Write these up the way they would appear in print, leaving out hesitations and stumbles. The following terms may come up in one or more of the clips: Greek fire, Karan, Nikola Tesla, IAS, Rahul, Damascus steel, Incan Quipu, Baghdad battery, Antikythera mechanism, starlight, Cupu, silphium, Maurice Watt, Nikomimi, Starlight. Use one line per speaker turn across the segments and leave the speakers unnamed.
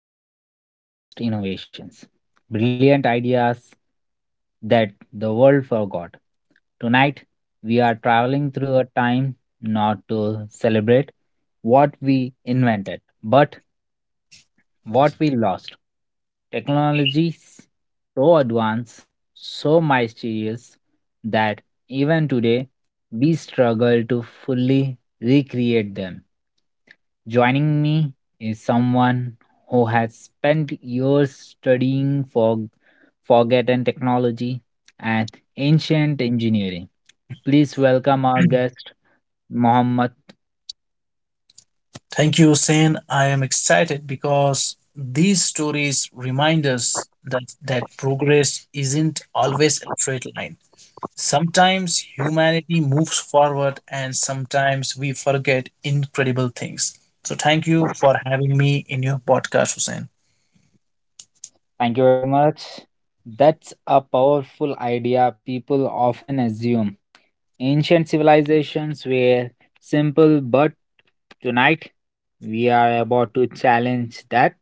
and welcome to Lost Innovations Brilliant Ideas That the World Forgot. Tonight, we are traveling through a time not to celebrate what we invented, but what we lost. Technologies so advanced, so mysterious that even today we struggle to fully recreate them. Joining me is someone who has spent years studying for forgotten technology and ancient engineering. Please welcome our guest, Mohammed.
Thank you, Hussein. I am excited because these stories remind us that progress isn't always a straight line. Sometimes humanity moves forward and sometimes we forget incredible things. So, thank you for having me in your podcast, Hussein.
Thank you very much. That's a powerful idea people often assume. Ancient civilizations were simple, but tonight we are about to challenge that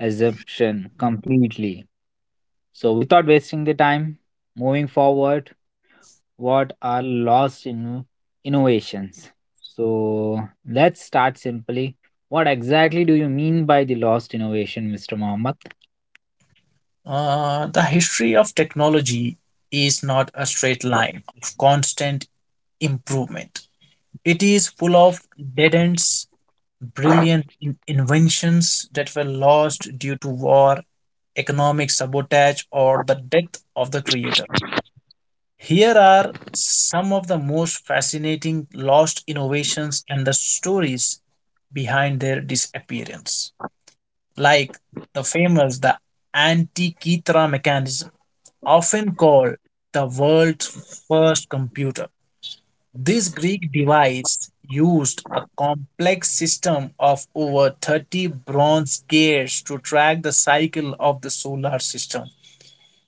assumption completely. So, without wasting the time, moving forward, what are lost in innovations? So, let's start simply. What exactly do you mean by the lost innovation, Mr. Mohammed?
The history of technology is not a straight line of constant improvement. It is full of dead ends, brilliant inventions that were lost due to war, economic sabotage, or the death of the creator. Here are some of the most fascinating lost innovations and the stories behind their disappearance, like the famous the Antikythera mechanism, often called the world's first computer. This Greek device used a complex system of over 30 bronze gears to track the cycle of the solar system,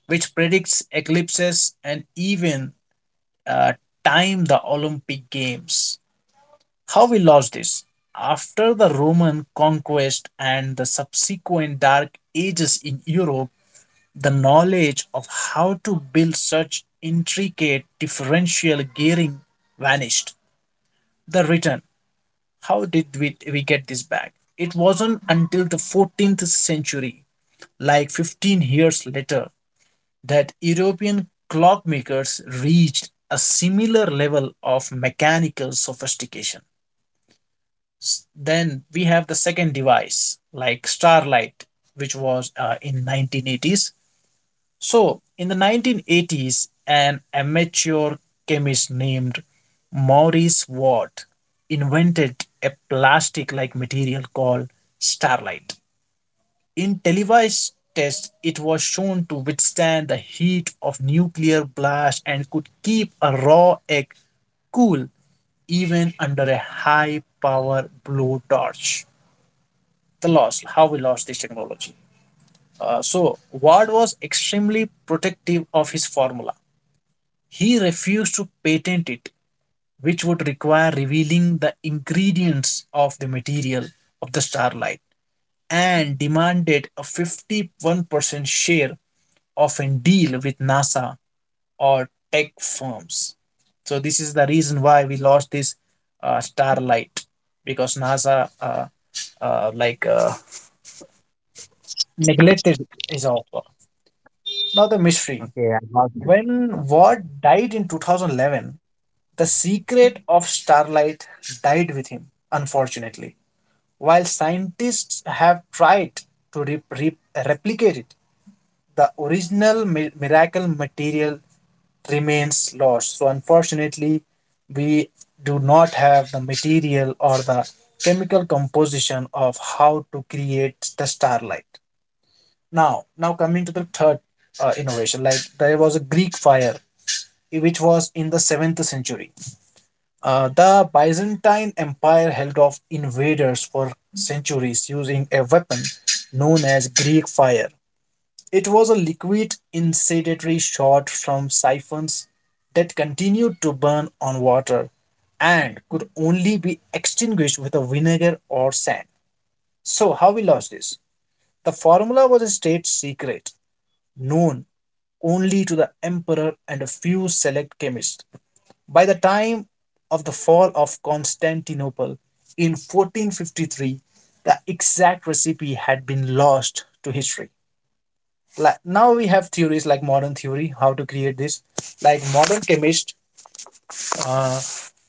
which predicts eclipses and even uh, time the Olympic Games. How we lost this? After the Roman conquest and the subsequent Dark Ages in Europe, the knowledge of how to build such intricate differential gearing vanished. The return. How did we get this back? It wasn't until the 14th century, like 15 years later, that European clockmakers reached a similar level of mechanical sophistication. Then we have the second device, like starlight, which was in 1980s, so, in the 1980s, an amateur chemist named Maurice Watt invented a plastic like material called starlight. In televised tests, it was shown to withstand the heat of nuclear blast and could keep a raw egg cool even under a high power blowtorch. The loss, how we lost this technology. So, Ward was extremely protective of his formula. He refused to patent it, which would require revealing the ingredients of the material of the starlight, and demanded a 51% share of a deal with NASA or tech firms. So, this is the reason why we lost this starlight because NASA uh, like uh, neglected his offer. Now, the mystery
Okay, I got
when Ward died in 2011, the secret of starlight died with him, unfortunately. While scientists have tried to replicate it, the original miracle material remains lost. So, unfortunately, we do not have the material or the chemical composition of how to create the starlight. Now, coming to the third innovation, like there was a Greek fire which was in the seventh century. The Byzantine Empire held off invaders for centuries using a weapon known as Greek fire. It was a liquid incendiary shot from siphons that continued to burn on water and could only be extinguished with a vinegar or sand. So, how we lost this? The formula was a state secret, known only to the emperor and a few select chemists. By the time of the fall of Constantinople in 1453, the exact recipe had been lost to history. Like now we have theories like modern theory, how to create this. Like modern chemists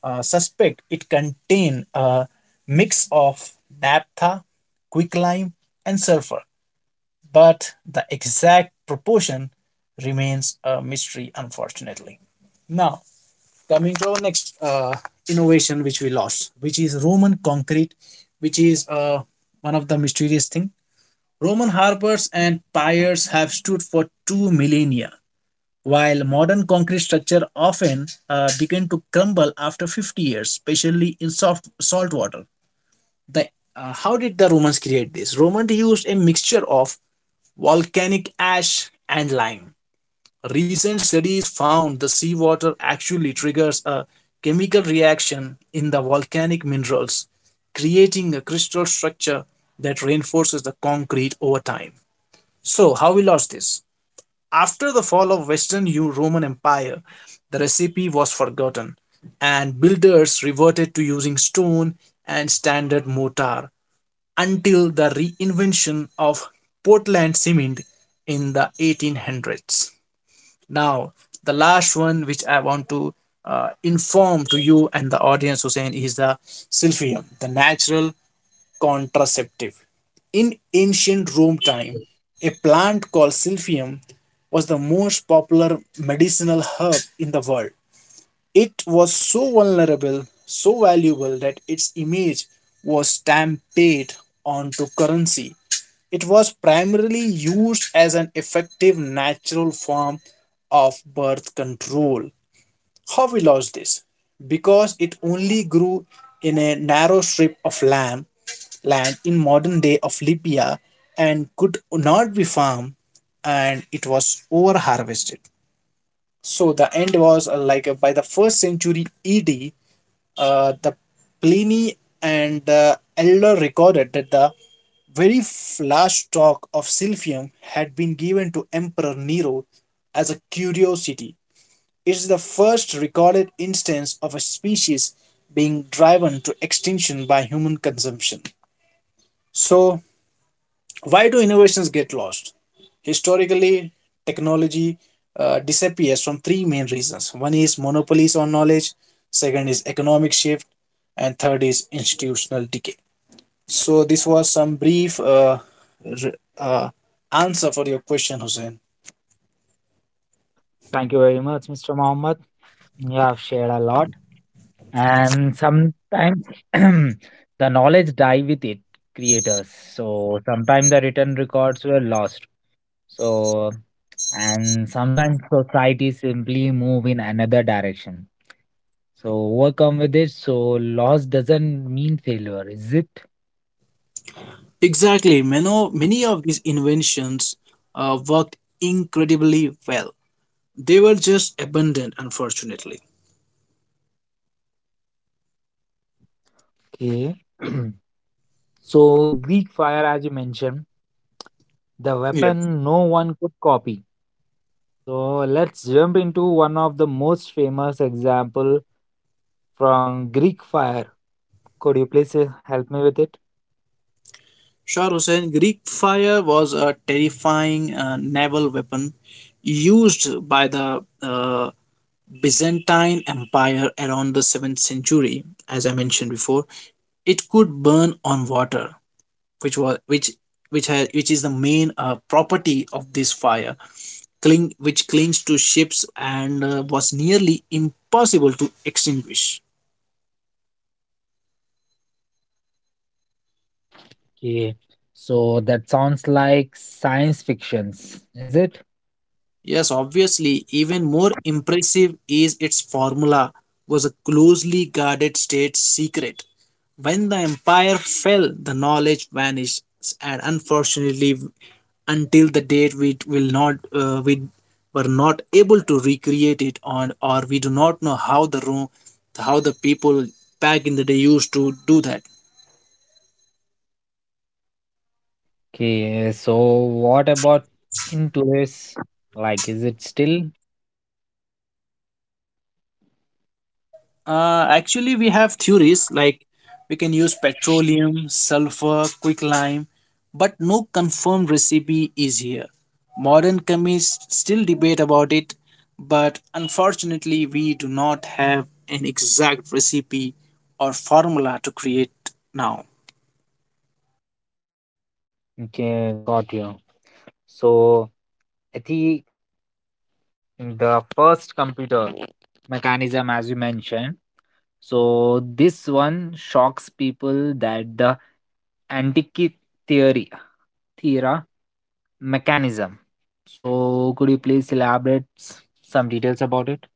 suspect it contained a mix of naphtha, quicklime, and sulfur, but the exact proportion remains a mystery, unfortunately. Now, coming to our next innovation which we lost, which is Roman concrete, which is one of the mysterious thing. Roman harbors and piers have stood for two millennia while modern concrete structure often begin to crumble after 50 years, especially in soft salt water. The How did the Romans create this? Romans used a mixture of volcanic ash and lime. Recent studies found the seawater actually triggers a chemical reaction in the volcanic minerals, creating a crystal structure that reinforces the concrete over time. So, how we lost this? After the fall of Roman Empire, the recipe was forgotten, and builders reverted to using stone and standard mortar until the reinvention of Portland cement in the 1800s. Now, the last one which I want to inform to you and the audience, Hussein, is the silphium, the natural contraceptive. In ancient Rome time,
it.
a plant called silphium was the most popular medicinal herb in the world. It was so vulnerable, so valuable that its image was stampeded onto currency. It was primarily used as an effective natural form of birth control. How we lost this? Because it only grew in a narrow strip of land, land in modern day of Libya, and could not be farmed, and it was over harvested. So the end was by the first century ED, the Pliny and the elder recorded that the last stalk of silphium had been given to Emperor Nero as a curiosity. It is the first recorded instance of a species being driven to extinction by human consumption. So why do innovations get lost? Historically, technology disappears from three main reasons. One is monopolies on knowledge, second is economic shift, and third is institutional decay. So this was some brief r- uh, answer for your question, Hussein.
Thank you very much, Mr. Mohammed. You have shared a lot, and sometimes the knowledge die with it creators. So, sometimes the written records were lost. So and sometimes society simply move in another direction so overcome with it so loss doesn't mean failure, is it?
Exactly. Many, many of these inventions worked incredibly well. They were just abundant, unfortunately.
Okay. So Greek fire, as you mentioned, the
Yeah.
weapon no one could copy. So let's jump into one of the most famous example from Greek fire. Could you please help me with it?
Shah Hussain, Greek fire was a terrifying naval weapon used by the Byzantine Empire around the 7th century, as I mentioned before. It could burn on water, which was which has which is the main property of this fire, cling which clings to ships and was nearly impossible to extinguish.
Okay, so that sounds like science fictions, is it?
Yes, obviously, even more impressive is its formula was a closely guarded state secret. When the empire fell, the knowledge vanished, and unfortunately, until the date we were not able to recreate it, on or we do not know how the room how the people back in the day used to do that.
Okay, so what about in today's, like, is it still?
Actually, we have theories like we can use petroleum, sulfur, quicklime, but no confirmed recipe is here. Modern chemists still debate about it, but unfortunately, we do not have an exact recipe or formula to create now.
Okay, got you? So I think the first computer mechanism, as you mentioned. So this one shocks people that the antique theory theory mechanism. So could you please elaborate some details about it?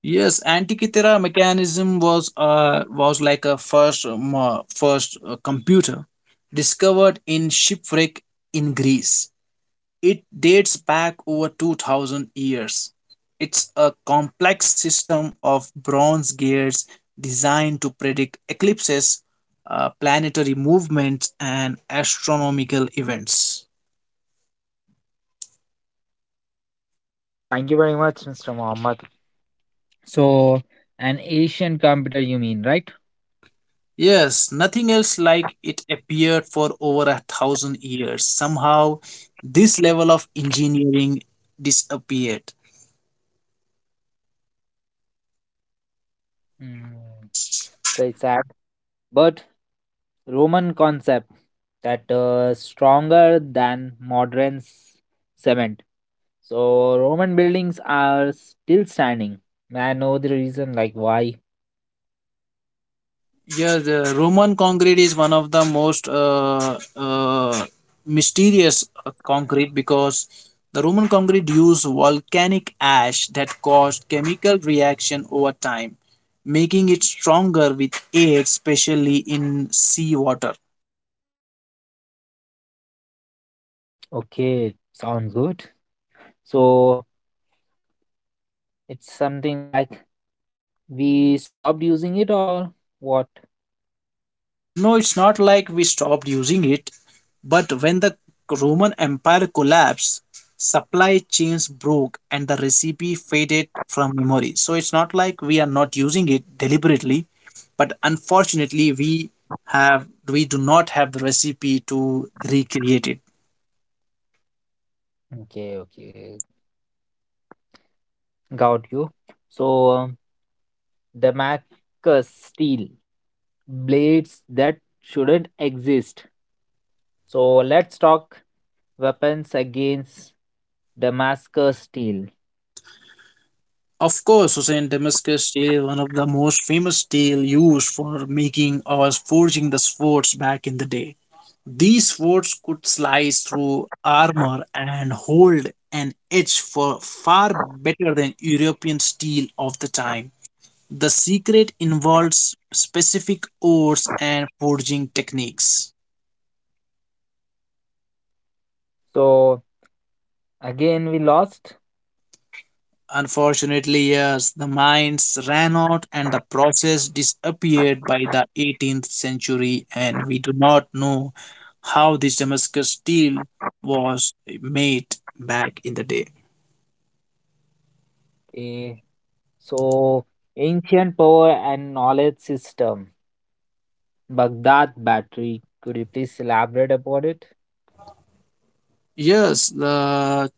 Yes, Antikythera mechanism was like a first computer discovered in shipwreck in Greece. It dates back over 2000 years. It's a complex system of bronze gears designed to predict eclipses, planetary movements, and astronomical events.
Thank you very much, Mr. Mohammed. So an Asian computer you mean, right?
Yes, nothing else like it appeared for over a thousand years. Somehow, this level of engineering disappeared.
Mm. So it's sad, but Roman concept that stronger than modern cement. So Roman buildings are still standing. I know the reason, like why.
Yeah, the Roman concrete is one of the most mysterious concrete because the Roman concrete used volcanic ash that caused chemical reaction over time, making it stronger with age, especially in seawater.
Okay, sound good. So it's something like we stopped using it or what?
No, it's not like we stopped using it, but when the Roman Empire collapsed, supply chains broke and the recipe faded from memory. So it's not like we are not using it deliberately, but unfortunately we do not have the recipe to recreate it.
Okay, okay, got you. So Damascus steel blades that shouldn't exist. So let's talk weapons against Damascus steel.
Of course, Hussein, Damascus steel, one of the most famous steel used for making or forging the swords back in the day. These swords could slice through armor and hold an edge for far better than European steel of the time. The secret involves specific ores and forging techniques.
So again we lost.
Unfortunately, yes, the mines ran out and the process disappeared by the 18th century, and we do not know how this Damascus steel was made back in the day.
Okay. So ancient power and knowledge system. Baghdad battery. Could you please elaborate about it?
Yes, the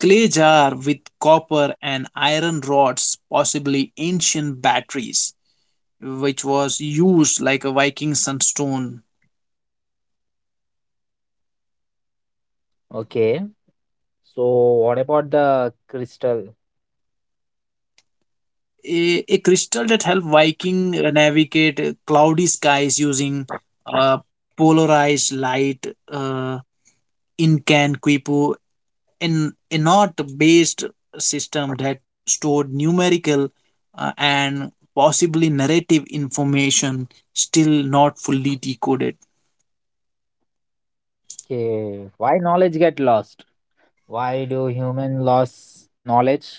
clay jar with copper and iron rods, possibly ancient batteries, which was used like a Viking sunstone,
Okay. So what about the crystal?
a crystal that helped Viking navigate cloudy skies using uh, polarized light. Incan Quipu, an a not-based system that stored numerical and possibly narrative information still not fully decoded.
Okay. Why knowledge get lost? Why do human lose knowledge?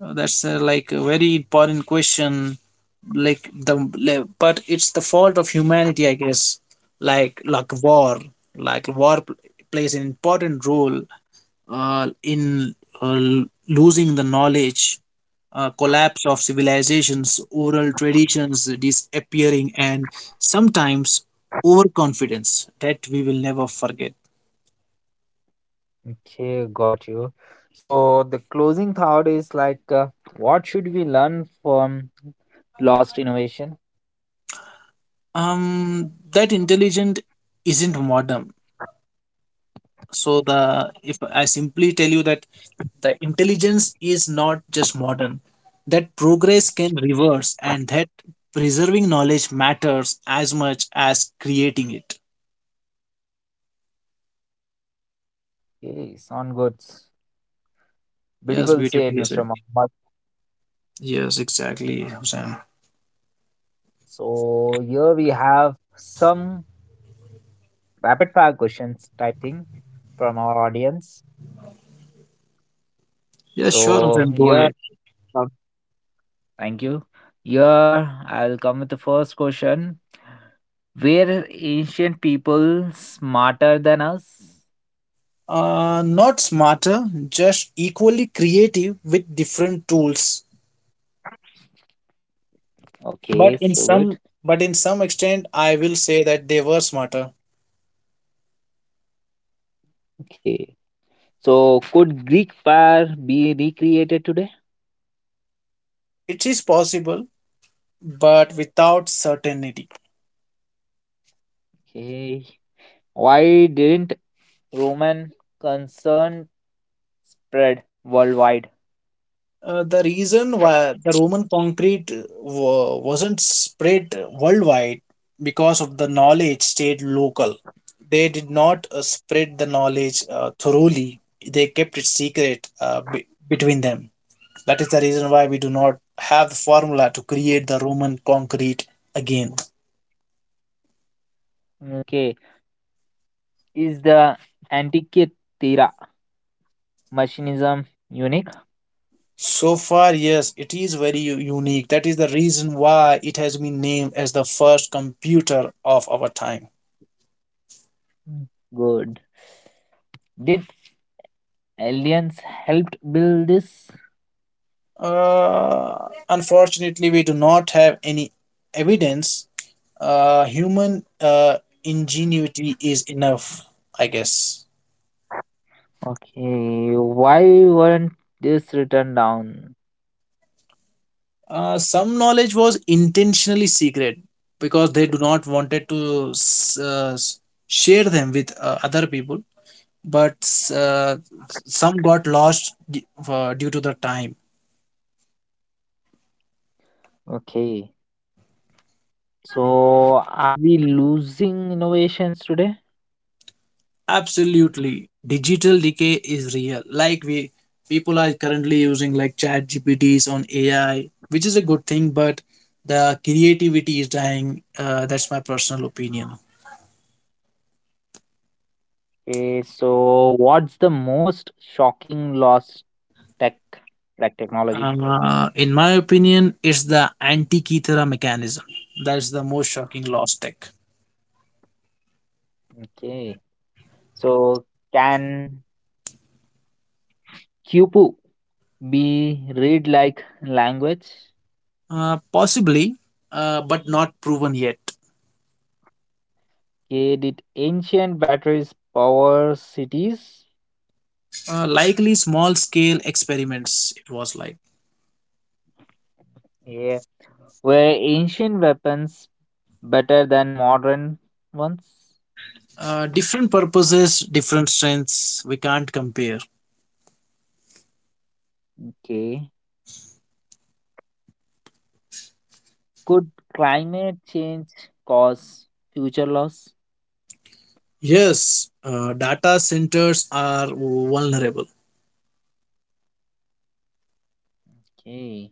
That's like a very important question, but it's the fault of humanity, I guess. Like like war like war plays an important role in losing the knowledge, collapse of civilizations, oral traditions disappearing, and sometimes overconfidence that we will never forget.
Okay, got you. So the closing thought is like, what should we learn from lost innovation?
That intelligent isn't modern. So the if I simply tell you that the intelligence is not just modern, that progress can reverse, and that preserving knowledge matters as much as creating it.
Okay, sound good.
Yes,
Beautiful said,
beautifully
Mr.
said.
Mohammed.
Yes, exactly, Hussain.
So here we have some rapid fire questions typing from our audience.
Yes, sure,
So
Hussain, go
here,
ahead.
um, thank you. Here I'll come with the first question. Were ancient people smarter than us?
Not smarter, just equally creative with different tools.
Okay,
but in
so good.
some but in some extent I will say that they were smarter.
Okay. So, could Greek fire be recreated today?
It is possible but without certainty.
Okay. Why didn't Roman concern spread worldwide?
The reason why the Roman concrete wasn't spread worldwide because of the knowledge stayed local. They did not spread the knowledge thoroughly. They kept it secret between them. That is the reason why we do not have the formula to create the Roman concrete again.
Okay. Is the Antikythera machinism unique?
So far, yes, it is very unique. That is the reason why it has been named as the first computer of our time.
Good. Did aliens helped build this?
Unfortunately, we do not have any evidence. Human ingenuity is enough, I guess.
Okay. Why weren't this written down?
Some knowledge was intentionally secret because they do not wanted to share them with other people. But uh, some got lost due to the time.
Okay. So, are we losing innovations today?
Absolutely. Digital decay is real. Like we people are currently using like chat GPTs on AI, which is a good thing, but the creativity is dying. That's my personal opinion.
Okay, so what's the most shocking loss tech, like technology?
In my opinion, it's the anti-Kithera mechanism. That's the most shocking lost tech.
Okay. So can Cupu be read like language?
Possibly, but not proven yet.
Okay, did ancient batteries power cities?
Likely small-scale experiments, it was like.
Yeah. Were ancient weapons better than modern ones?
Different purposes, different strengths, we can't compare.
Okay. Could climate change cause future loss?
Yes, data centers are vulnerable,
Okay.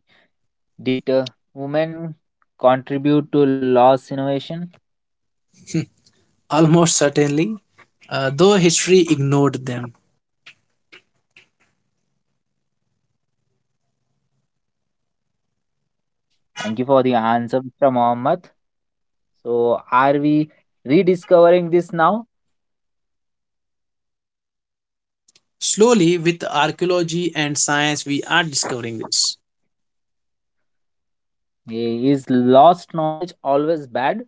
Did women contribute to loss innovation?
almost certainly, though history ignored them.
Thank you for the answer, Mr. Mohammed. So, are we rediscovering this now?
Slowly, with archaeology and science, we are discovering this.
Eh, is lost knowledge always bad?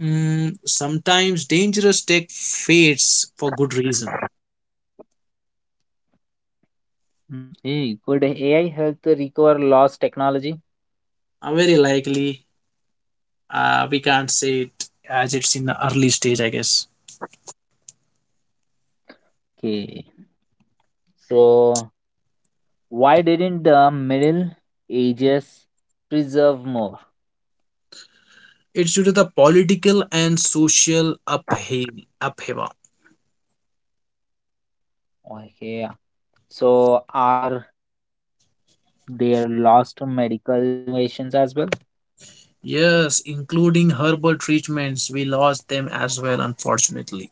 Mm, sometimes dangerous tech fades for good reason.
Mm, hey, could AI help to recover lost technology?
Very likely, we can't say it as it's in the early stage, I guess.
Okay. So, why didn't the Middle Ages preserve more?
It's due to the political and social upheaval.
Okay. Yeah. So, are there lost medical innovations as well?
Yes, including herbal treatments, we lost them as well, unfortunately.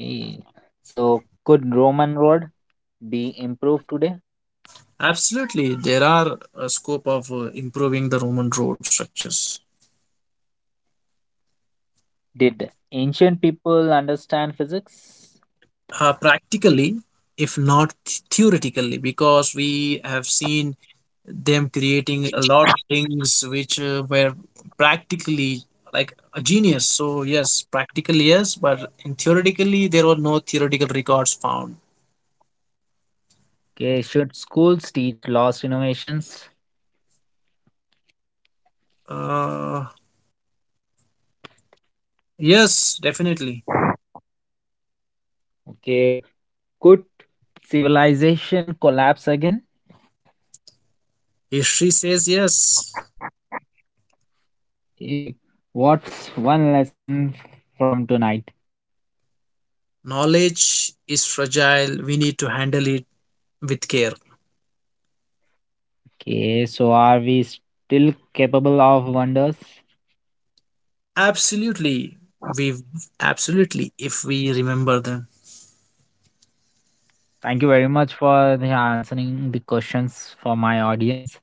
Okay. So, could Roman road be improved today?
Absolutely, there are a scope of improving the Roman road structures.
Did ancient people understand physics?
Practically, if not theoretically, because we have seen them creating a lot of things which were practically like a genius. So yes, practically yes, but in theoretically there were no theoretical records found.
Okay. Should schools teach lost innovations?
Uh, yes, definitely.
Okay. Could civilization collapse again?
History says yes.
Okay. What's one lesson from tonight?
Knowledge is fragile. We need to handle it with care.
Okay. So, are we still capable of wonders?
Absolutely. We absolutely if we remember them.
Thank you very much for the answering the questions for my audience.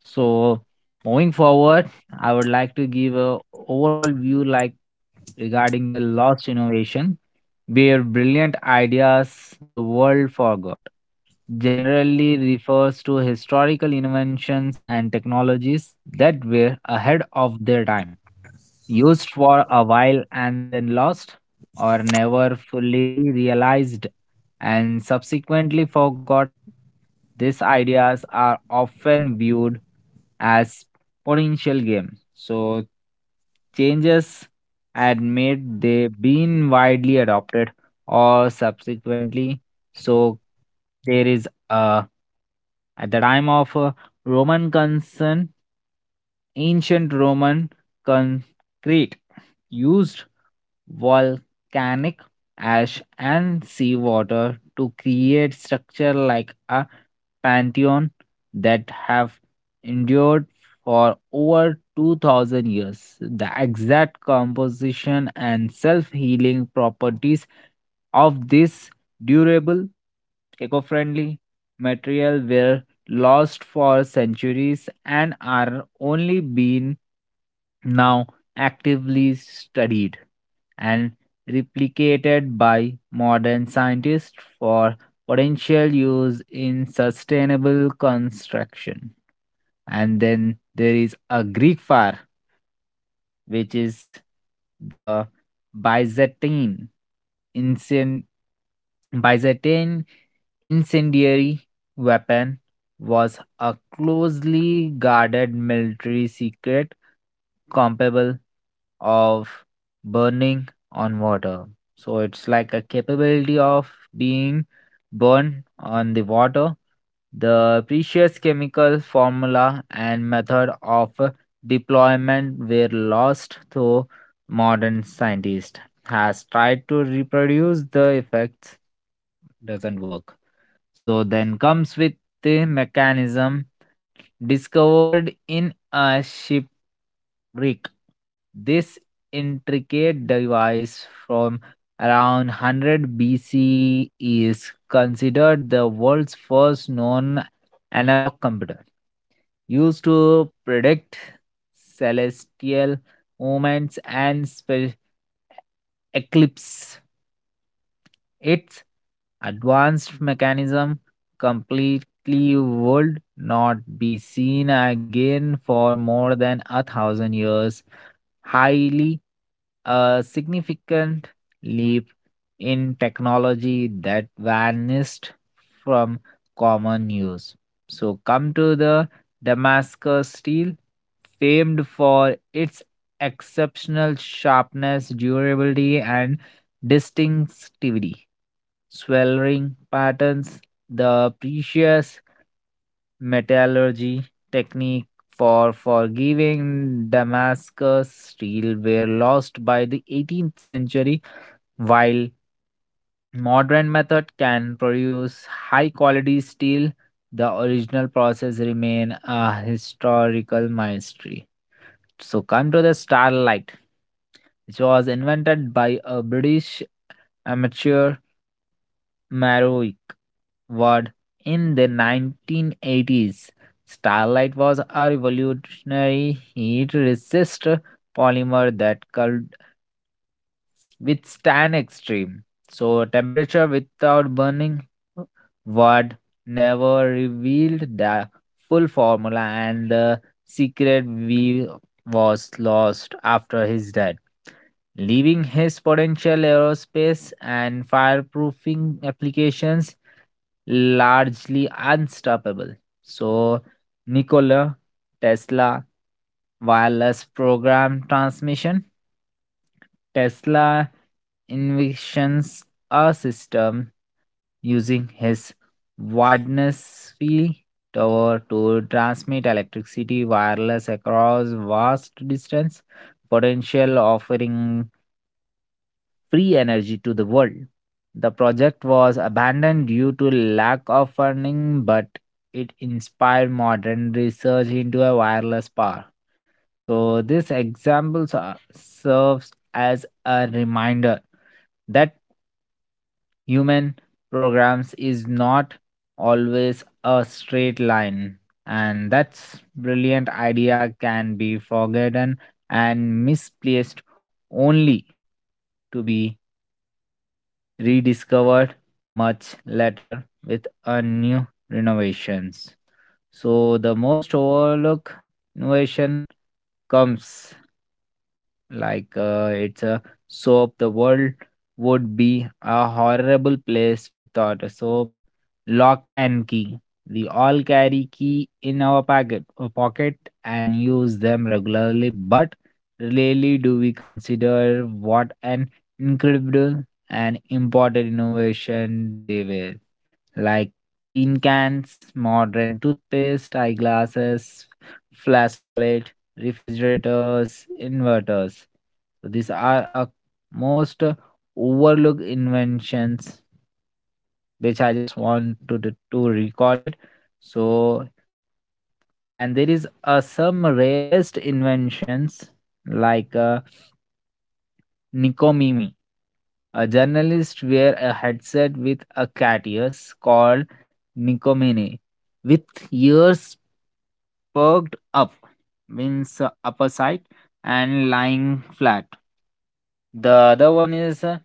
So, moving forward, I would like to give a overall view, like regarding the lost innovation, where brilliant ideas the world forgot. Generally refers to historical inventions and technologies that were ahead of their time, used for a while and then lost or never fully realized and subsequently forgotten. These ideas are often viewed as potential games, so changes had made they been widely adopted or subsequently. So there is at the time of Roman concern, ancient Roman concrete used volcanic ash and seawater to create structure like a pantheon that have endured for over 2,000 years. The exact composition and self-healing properties of this durable, eco-friendly material were lost for centuries and are only being now actively studied and replicated by modern scientists for potential use in sustainable construction. And then there is a Greek fire, which is the Byzantine incen- Byzantine incendiary weapon, was a closely guarded military secret, comparable of burning on water. So it's like a capability of being burned on the water. The precious chemical formula and method of deployment were lost, though modern scientist has tried to reproduce the effects, doesn't work. So then comes with the mechanism discovered in a shipwreck. This intricate device from around 100 BC is considered the world's first known analog computer, used to predict celestial movements and eclipses. Its advanced mechanism completely would not be seen again for more than a thousand years, highly a significant leap in technology that vanished from common use. So, come to the Damascus steel, famed for its exceptional sharpness, durability, and distinctivity. Sweltering patterns, the precious metallurgy technique for forgiving Damascus steel were lost by the 18th century, while modern method can produce high quality steel. The original process remain a historical mystery. So come to the starlight, which was invented by a British amateur Marowick. Word in the 1980s. Starlight was a revolutionary heat resist polymer that could withstand extreme so temperature without burning. Word never revealed the full formula, and the secret we was lost after his death, leaving his potential aerospace and fireproofing applications largely unstoppable. So, Nikola Tesla wireless program transmission. Tesla envisions a system using his widest field tower to transmit electricity wireless across vast distance, potential offering free energy to the world. The project was abandoned due to lack of funding, but it inspired modern research into a wireless power. So, this example serves as a reminder that human programs is not always a straight line, and that's brilliant idea can be forgotten and misplaced only to be rediscovered much later with a new renovations. So the most overlooked innovation comes, like it's a soap. The world would be a horrible place without a soap. Lock and key, we all carry key in our pocket and use them regularly, but really do we consider what an incredible and important innovation they were, like tin cans, modern toothpaste, eyeglasses, flash toilet, refrigerators, inverters. So these are a most overlooked inventions which I just want to to recall it. So and there is some rarest inventions like Nikomimi, a journalist wear a headset with a cat ears called Nikomini, with ears perked up means upper side and lying flat. The other one is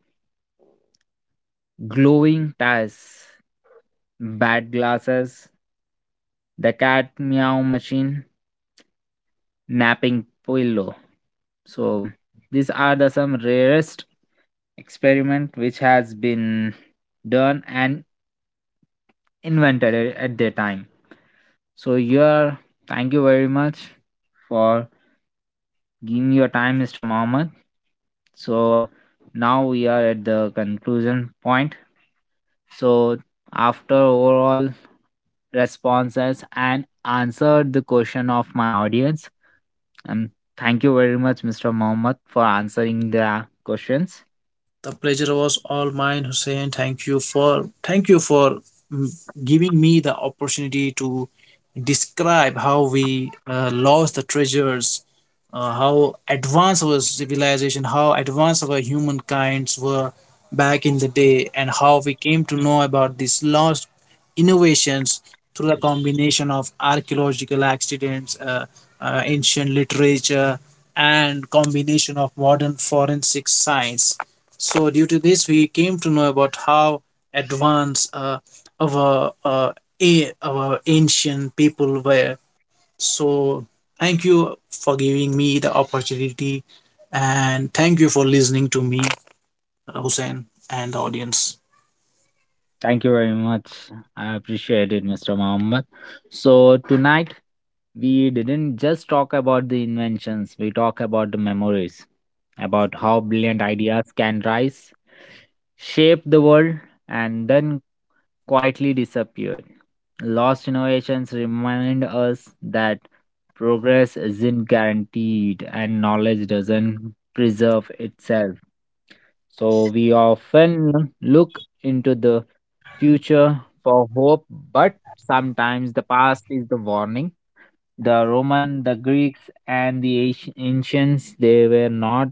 glowing tires, bad glasses, the cat meow machine, napping pillow. So these are the some rarest experiment which has been done and invented at the time. So here, thank you very much for Give me your time, Mr. Mohammed. So now we are at the conclusion point. So after overall responses and answered the question of my audience, and thank you very much, Mr. Mohammed, for answering the questions.
The pleasure was all mine, Hussein. Thank you for mm, giving me the opportunity to describe how we lost the treasures, how advanced our civilization, how advanced our humankinds were back in the day, and how we came to know about this lost innovations through the combination of archaeological accidents, ancient literature, and combination of modern forensic science. So, due to this, we came to know about how advanced our, uh, our ancient people were. So, thank you for giving me the opportunity, and thank you for listening to me, Hussein, and the audience.
Thank you very much. I appreciate it, Mr. Mohammed. So, tonight we didn't just talk about the inventions, we talk about the memories, about how brilliant ideas can rise, shape the world, and then quietly disappear. Lost innovations remind us that progress isn't guaranteed and knowledge doesn't preserve itself. So we often look into the future for hope, but sometimes the past is the warning. The Roman, the Greeks, and the ancients, they were not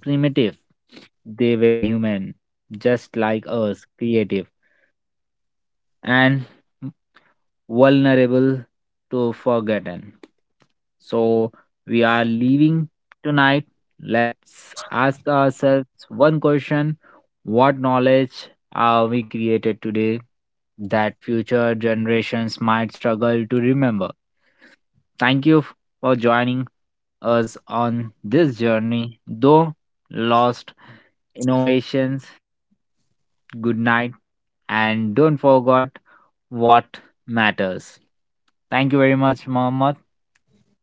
primitive. They were human, just like us, creative and vulnerable to forgotten. So we are leaving tonight. Let's ask ourselves one question. What knowledge are we created today that future generations might struggle to remember? Thank you for joining us on this journey, though lost innovations, good night, and don't forget what matters. Thank you very much, Mohammed,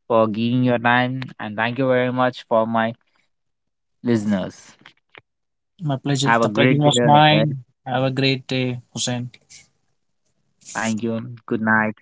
for giving your time, and thank you very much for my listeners.
My pleasure.
Have a
The pleasure
great
was
day ahead.
mine. Have a great day, Hussein.
Thank you. Good night.